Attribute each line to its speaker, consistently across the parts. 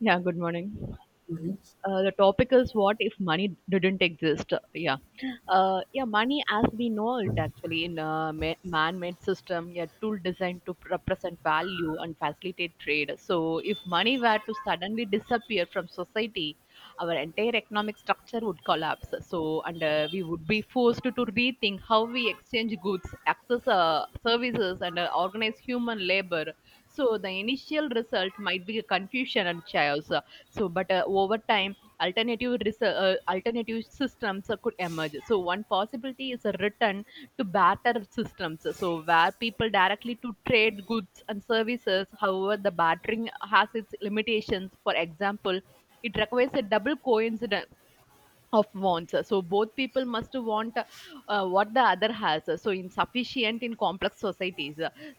Speaker 1: Yeah, good morning.
Speaker 2: Money.
Speaker 1: The topic is what if money didn't exist? Yeah, yeah. Money, as we know it, actually in a man-made system, a tool designed to represent value and facilitate trade. So, if money were to suddenly disappear from society, our entire economic structure would collapse. So, and We would be forced to rethink how we exchange goods, access services, and organize human labor. So, the initial result might be confusion and chaos. So, but Over time alternative systems could emerge. So one possibility is a return to barter systems, so where people directly to trade goods and services. However, the bartering has its limitations. For example, it requires a double coincidence of wants so both people must want what the other has so insufficient in complex societies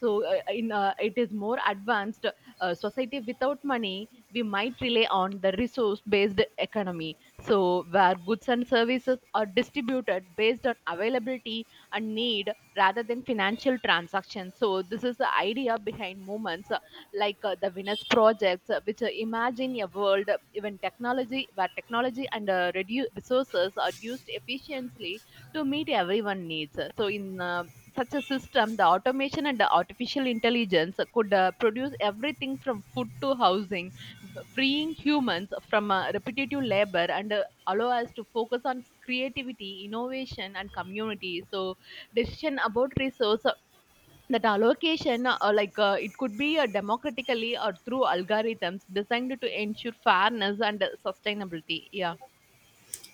Speaker 1: so in it is more advanced society without money we might rely on the resource based economy so where goods and services are distributed based on availability and need rather than financial transactions. So this is the idea behind movements like the Venus projects, which imagine a world, where technology and resources are used efficiently to meet everyone's needs. In such a system, the automation and the artificial intelligence could produce everything from food to housing, freeing humans from repetitive labor and allow us to focus on creativity, innovation, and community. So, decision about resource that allocation it could be democratically or through algorithms designed to ensure fairness and sustainability. Yeah,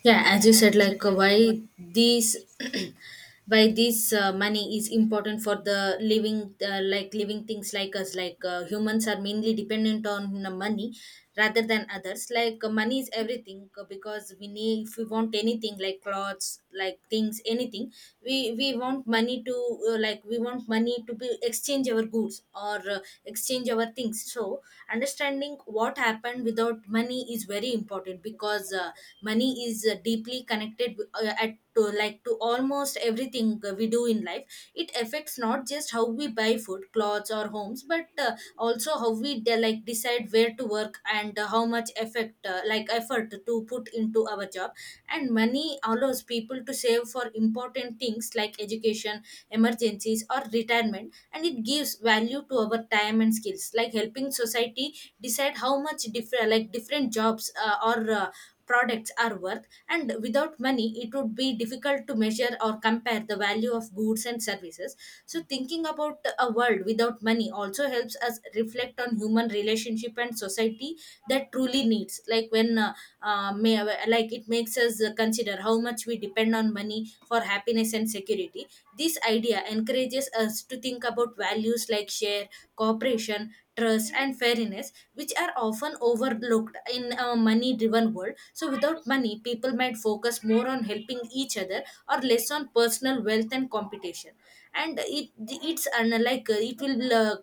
Speaker 2: Yeah,
Speaker 1: Yeah,
Speaker 2: as you
Speaker 1: as
Speaker 2: said,
Speaker 1: you said, like what.
Speaker 2: why these why this money is important for the living, like living things like us, humans are mainly dependent on money rather than others. Like, money is everything, because we need, if we want anything like clothes, like things, anything, we want money to like we want money to be exchange our goods, or exchange our things. So understanding what happened without money is very important, because money is deeply connected at to like to almost everything we do in life. It affects not just how we buy food, clothes or homes, but also how we like decide where to work, and how much effect like effort to put into our job. And money allows people to save for important things like education, emergencies or retirement, and it gives value to our time and skills, like helping society decide how much different like different jobs or products are worth. And without money, it would be difficult to measure or compare the value of goods and services. So, thinking about a world without money also helps us reflect on human relationship and society that truly needs. Uh, may, like it makes us consider how much we depend on money for happiness and security. This idea encourages us to think about values like share, cooperation, trust, and fairness, which are often overlooked in a money-driven world. So, without money, people might focus more on helping each other or less on personal wealth and competition. And it it's unlike it will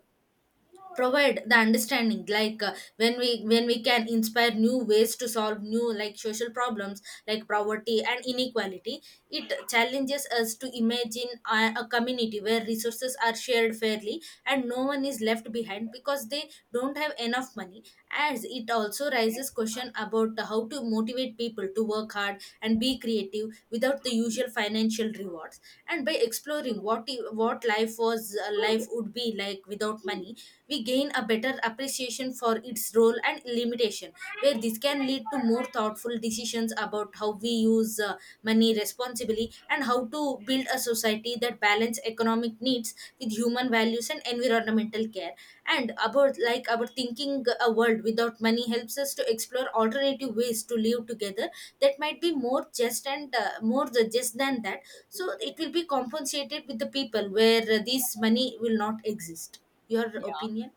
Speaker 2: provide the understanding, when we can inspire new ways to solve new like social problems like poverty and inequality. It challenges us to imagine a community where resources are shared fairly and no one is left behind because they don't have enough money, as it also raises question about how to motivate people to work hard and be creative without the usual financial rewards. And by exploring what life would be like without money, we gain a better appreciation for its role and limitation, where this can lead to more thoughtful decisions about how we use money responsibly, and how to build a society that balance economic needs with human values and environmental care. And about like our thinking, a world without money helps us to explore alternative ways to live together that might be more just, and more the just than that. So it will be compensated with the people where this money will not exist. Your
Speaker 1: Yeah
Speaker 2: opinion?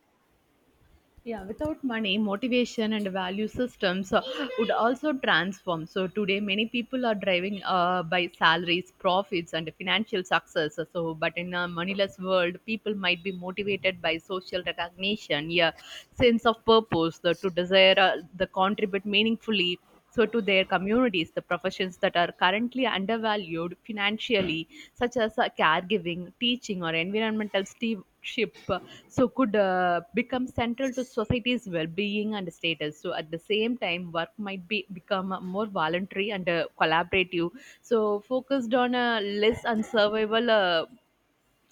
Speaker 1: Yeah, without money, motivation and value systems would also transform. So today, many people are driving by salaries, profits, and financial success. So, but in a moneyless world, people might be motivated by social recognition, yeah, sense of purpose, the, to desire the contribute meaningfully. So to their communities, the professions that are currently undervalued financially, such as caregiving, teaching, or environmental stewardship, so could become central to society's well-being and status so at the same time work might be become more voluntary and collaborative so focused on less on survival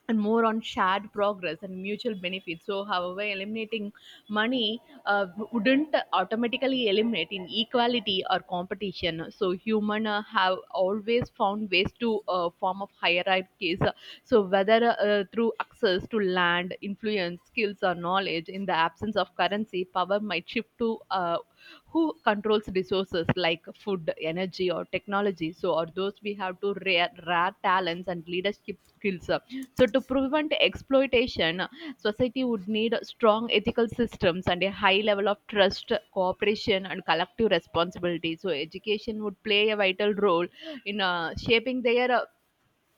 Speaker 1: and more on shared progress and mutual benefits. So, however, eliminating money wouldn't automatically eliminate inequality or competition. So, human have always found ways to form of hierarchies. So, whether through access to land, influence, skills, or knowledge, in the absence of currency, power might shift to who controls resources like food, energy, or technology. So, or those we have to rare talents and leadership skills so, to prevent exploitation, society would need strong ethical systems and a high level of trust, cooperation, and collective responsibility. So, education would play a vital role in shaping their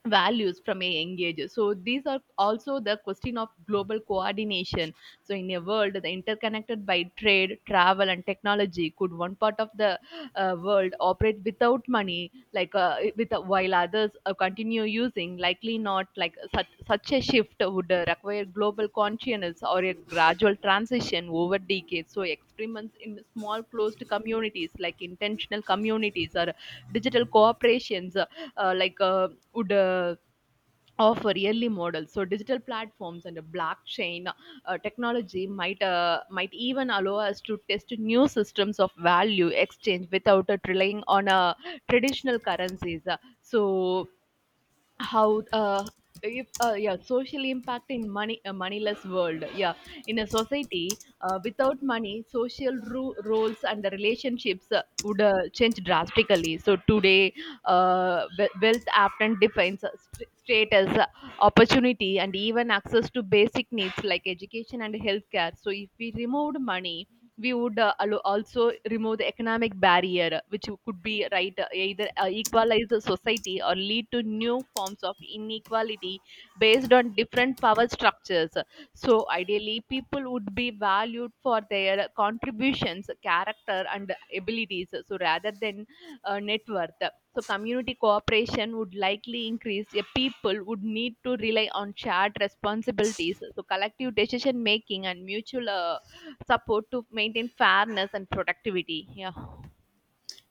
Speaker 1: values from a young age. So these are also the question of global coordination. So in a world that interconnected by trade, travel, and technology, could one part of the world operate without money, like with while others continue using? Likely not. Like such a shift would require global consciousness or a gradual transition over decades. So experiments in small closed communities, like intentional communities or digital cooperations, like would offer yearly models so digital platforms and a blockchain technology might even allow us to test new systems of value exchange without it relying on traditional currencies. So how if, yeah Social impact in money a moneyless world. Yeah, in a society without money social roles and the relationships would change drastically so today wealth often defines status opportunity and even access to basic needs like education and healthcare so if we removed money we would also remove the economic barrier, which could be right either equalize the society or lead to new forms of inequality based on different power structures. So, ideally, people would be valued for their contributions, character, and abilities. Rather than net worth. So, community cooperation would likely increase. A people would need to rely on shared responsibilities. So, collective decision making and mutual support to maintain fairness and productivity. Yeah.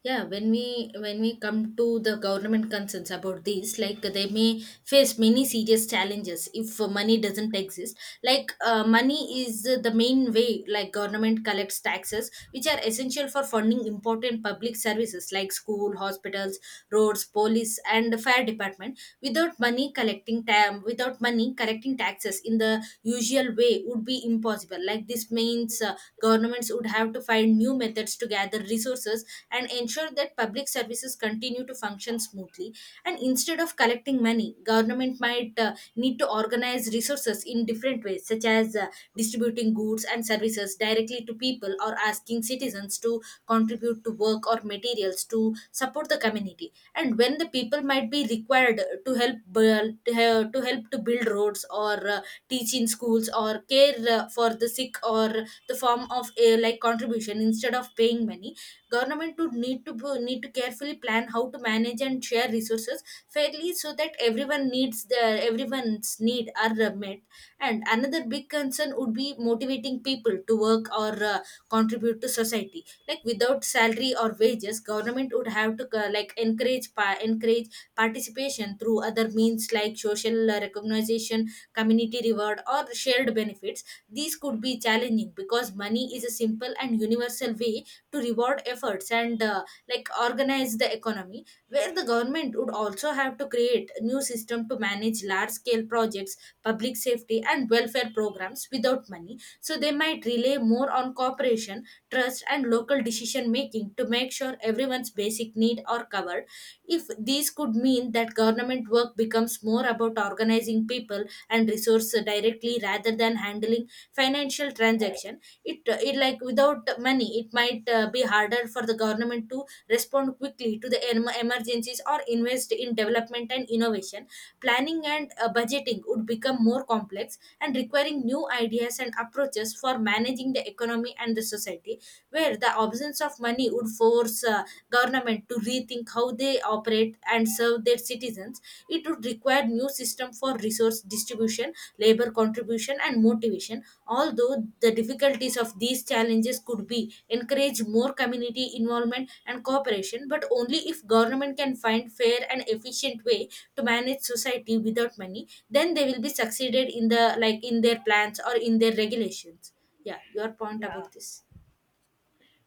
Speaker 2: Yeah, when we come to the government concerns about this, like they may face many serious challenges if money doesn't exist. Like, money is the main way like government collects taxes, which are essential for funding important public services like school, hospitals, roads, police and fire department. Without money, collecting taxes in the usual way would be impossible. Like this means governments would have to find new methods to gather resources and ensure that public services continue to function smoothly. And instead of collecting money, government might need to organize resources in different ways, such as distributing goods and services directly to people, or asking citizens to contribute to work or materials to support the community. And when the people might be required to help build, to he- to help to build roads, or teach in schools, or care for the sick, or the form of like contribution instead of paying money. Government would need need to carefully plan how to manage and share resources fairly, so that everyone's need are met. And another big concern would be motivating people to work, or contribute to society. Like without salary or wages, government would have to like encourage participation through other means, like social recognition, community reward, or shared benefits. These could be challenging because money is a simple and universal way to reward efforts, and like organize the economy. Where the government would also have to create a new system to manage large scale projects, public safety and welfare programs without money, so they might rely more on cooperation, trust and local decision making to make sure everyone's basic need are covered. If these could mean that government work becomes more about organizing people and resources directly rather than handling financial transactions. It Like without money, it might be harder for the government to respond quickly to the emergencies or invest in development and innovation. Planning and budgeting would become more complex and requiring new ideas and approaches for managing the economy and the society, where the absence of money would force government to rethink how they operate and serve their citizens. It would require new system for resource distribution, labor contribution and motivation. Although the difficulties of these challenges could be encourage more community involvement and cooperation, but only if government can find fair and efficient way to manage society without money, then they will be succeeded in the like in their plans or in their regulations. Yeah, your point
Speaker 1: Yeah.
Speaker 2: about this?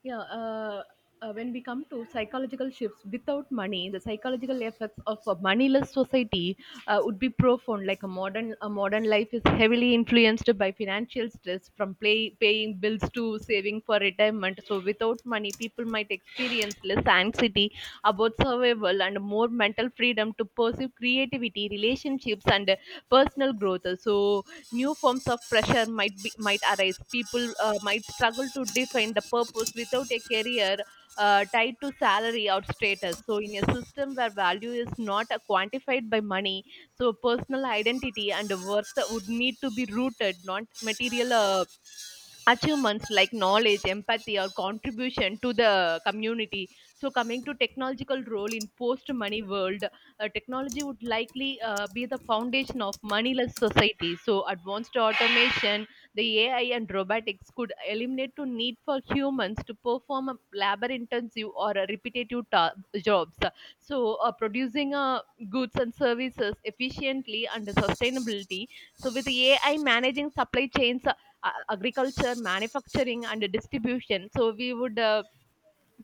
Speaker 1: Yeah. Uh, when we come to psychological shifts without money, the psychological effects of a moneyless society would be profound. Like a modern life is heavily influenced by financial stress, from paying bills to saving for retirement. So, without money, people might experience less anxiety about survival and more mental freedom to pursue creativity, relationships, and personal growth. So, new forms of pressure might arise. People might struggle to define the purpose without a career tied to salary or status. So, in a system where value is not quantified by money, so personal identity and worth would need to be rooted, not material achievements like knowledge, empathy, or contribution to the community. So, coming to technological role in post-money world, technology would likely be the foundation of moneyless society. So, advanced automation, the AI and robotics could eliminate the need for humans to perform a labor-intensive or a jobs. Producing goods and services efficiently and sustainability. So, with AI managing supply chains agriculture, manufacturing, and distribution. So we would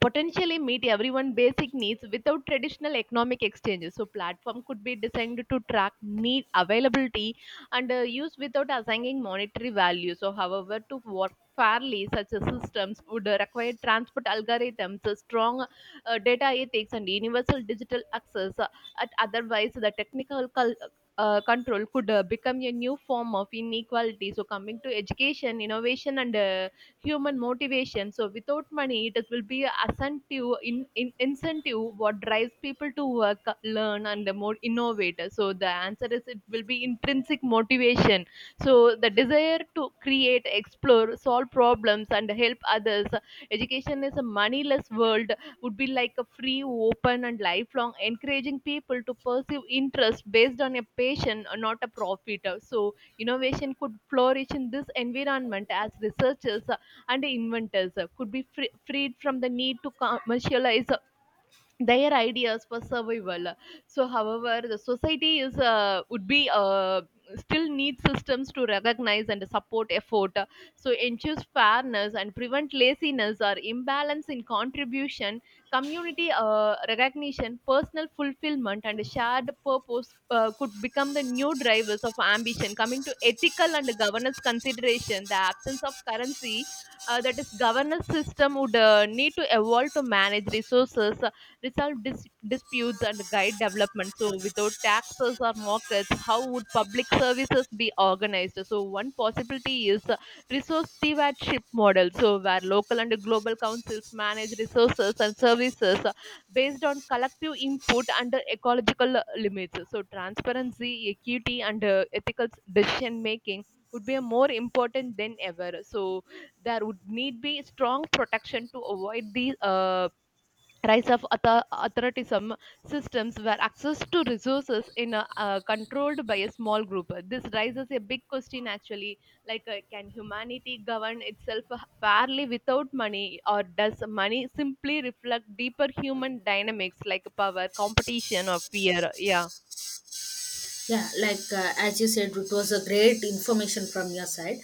Speaker 1: potentially meet everyone basic needs without traditional economic exchanges so platform could be designed to track need availability and use without assigning monetary value so however to work fairly such a systems would require transport algorithms a strong data ethics and universal digital access at otherwise the technical control could become a new form of inequality so coming to education innovation and human motivation. So without money, it will be a incentive, incentive what drives people to work, learn, and the more innovate. So the answer is it will be intrinsic motivation. So the desire to create, explore, solve problems, and help others. Education is a moneyless world would be like a free, open, and lifelong, encouraging people to pursue interest based on a passion, not a profit. So innovation could flourish in this environment as researchers and inventors could be freed from the need to commercialize their ideas for survival so however the society is would be still need systems to recognize and support effort so ensures fairness and prevent laziness or imbalance in contribution community recognition personal fulfillment and shared purpose could become the new drivers of ambition coming to ethical and governance consideration the absence of currency that is governance system would need to evolve to manage resources resolve disputes, and guide development. So, without taxes or markets, how would public services be organized? So, one possibility is resource stewardship model. So, where local and global councils manage resources and services based on collective input under ecological limits. So, transparency, equity, and ethical decision making would be more important than ever. So, there would need be strong protection to avoid the rise of authoritarianism systems where access to resources in a, controlled by a small group. This raises a big question actually like can humanity govern itself fairly without money or does money simply reflect deeper human dynamics like power competition or fear. Yeah,
Speaker 2: Yeah, as you said, it was a great information from your side.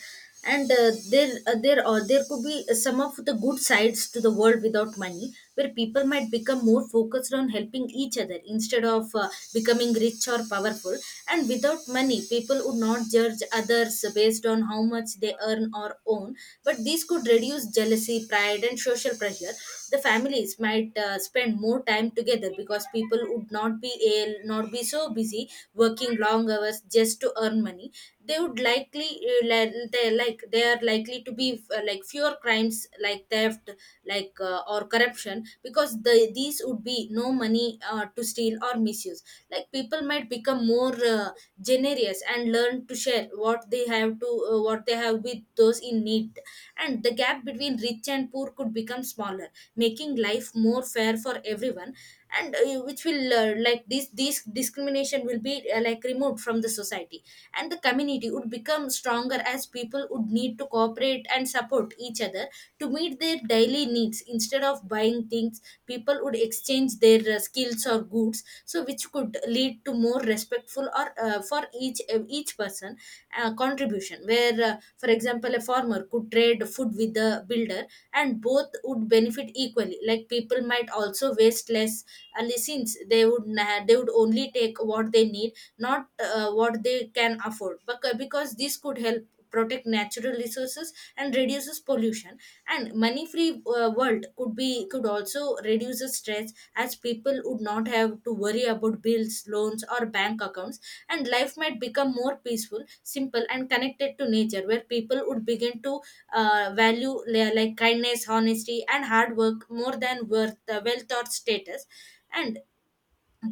Speaker 2: And there could be some of the good sides to the world without money, where people might become more focused on helping each other instead of becoming rich or powerful. And without money, people would not judge others based on how much they earn or own, but these could reduce jealousy, pride, and social pressure. The families might spend more time together because people would not be so busy working long hours just to earn money. They would likely li- they like they are likely to be like fewer crimes like theft, or corruption, because these would be no money to steal or misuse. Like people might become more generous and learn to share what they have with those in need, and the gap between rich and poor could become smaller, making life more fair for everyone. And which will like this discrimination will be like removed from the society. And the community would become stronger, as people would need to cooperate and support each other to meet their daily needs. Instead of buying things, people would exchange their skills or goods, so which could lead to more respectful or for each person contribution. Where for example, a farmer could trade food with the builder, and both would benefit equally. Like people might also waste less, and since they would na- they would only take what they need, not what they can afford, but because this could help protect natural resources and reduces pollution. And money free world could be could also reduce the stress, as people would not have to worry about bills, loans or bank accounts. And life might become more peaceful, simple and connected to nature, where people would begin to like kindness, honesty and hard work more than worth wealth or status. And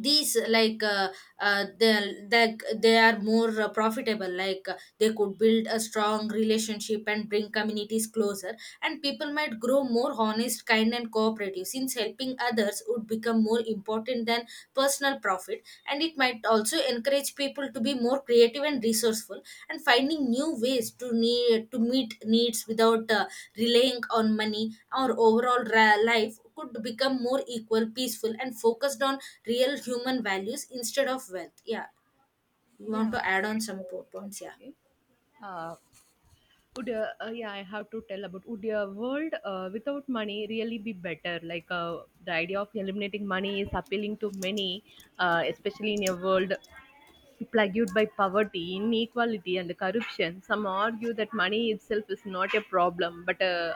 Speaker 2: these they are more profitable, they could build a strong relationship and bring communities closer, and people might grow more honest, kind and cooperative, since helping others would become more important than personal profit. And it might also encourage people to be more creative and resourceful, and finding new ways to need to meet needs without relying on money. Our overall life could become more equal, peaceful, and focused on real human values instead of wealth. Yeah, you
Speaker 1: Yeah,
Speaker 2: want to add on
Speaker 1: great
Speaker 2: some
Speaker 1: point,
Speaker 2: points? Yeah.
Speaker 1: actually. Uh, I have to tell about would a world without money really be better? Like the idea of eliminating money is appealing to many, especially in a world plagued by poverty, inequality, and corruption. Some argue that money itself is not a problem, but a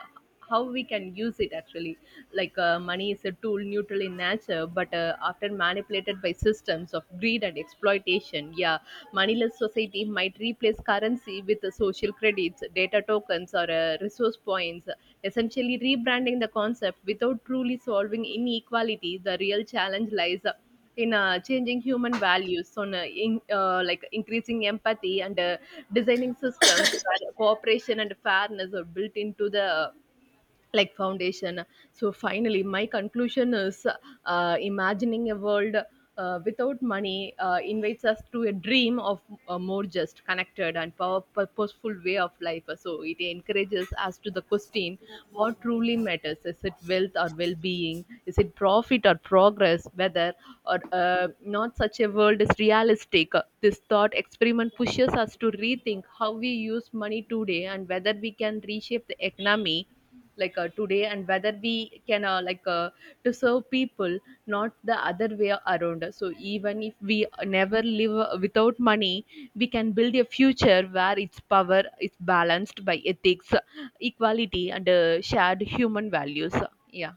Speaker 1: how we can use it actually. Like money is a tool neutral in nature but often manipulated by systems of greed and exploitation. Yeah, moneyless society might replace currency with social credits data tokens or resource points essentially rebranding the concept without truly solving inequality. The real challenge lies in changing human values on in, like increasing empathy and designing systems where cooperation and fairness are built into the like foundation. So finally my conclusion is imagining a world without money invites us to a dream of a more just connected and purposeful way of life so it encourages us to the question what truly matters. Is it wealth or well-being? Is it profit or progress? Whether or not such a world is realistic, this thought experiment pushes us to rethink how we use money today and whether we can reshape the economy like today and whether we can like to serve people not the other way around. So even if we never live without money we can build a future where its power is balanced by ethics equality and shared human values. Yeah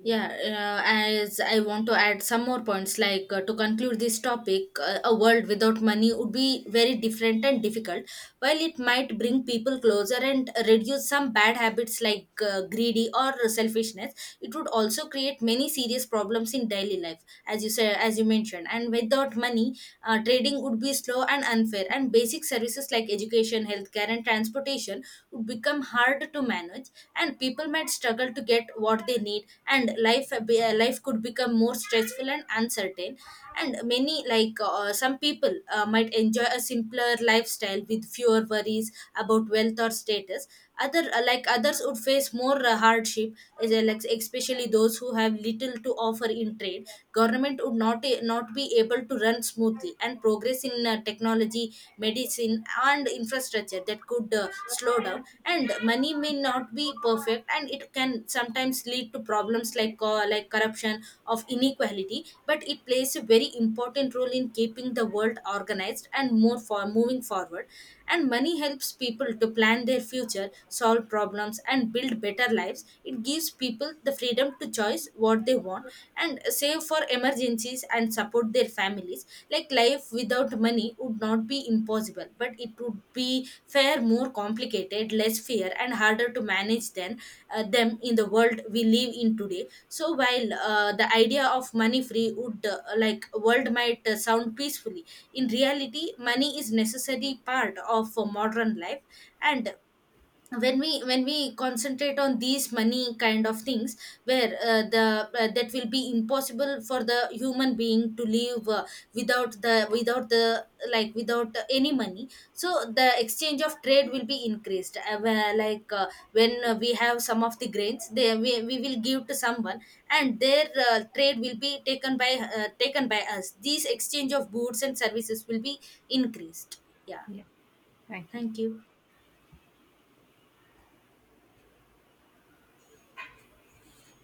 Speaker 2: Yeah, as I want to add some more points, to conclude this topic, a world without money would be very different and difficult. While it might bring people closer and reduce some bad habits greedy or selfishness, it would also create many serious problems in daily life, as you said, as you mentioned. And without money, trading would be slow and unfair, and basic services like education, healthcare, and transportation would become hard to manage, and people might struggle to get what they need, and life could become more stressful and uncertain. And many some people might enjoy a simpler lifestyle with fewer worries about wealth or status. Other Like others would face more hardship, as like especially those who have little to offer in trade. Government would not be able to run smoothly, and progress in technology, medicine and infrastructure that could slow down. And money may not be perfect, and it can sometimes lead to problems like corruption of inequality, but it plays a very important role in keeping the world organized and more for moving forward. And money helps people to plan their future, solve problems and build better lives. It gives people the freedom to choose what they want, and save for emergencies and support their families. Like life without money would not be impossible, but it would be far more complicated, less fair and harder to manage than them in the world we live in today. So while the idea of money free would like world might sound peacefully, in reality money is necessary part of modern life. And when we concentrate on these money kind of things, where the that will be impossible for the human being to live without the like without any money. So the exchange of trade will be increased, where, when we have some of the grains, they we will give to someone, and their trade will be taken by us. These exchange of goods and services will be increased. Yeah, thank you.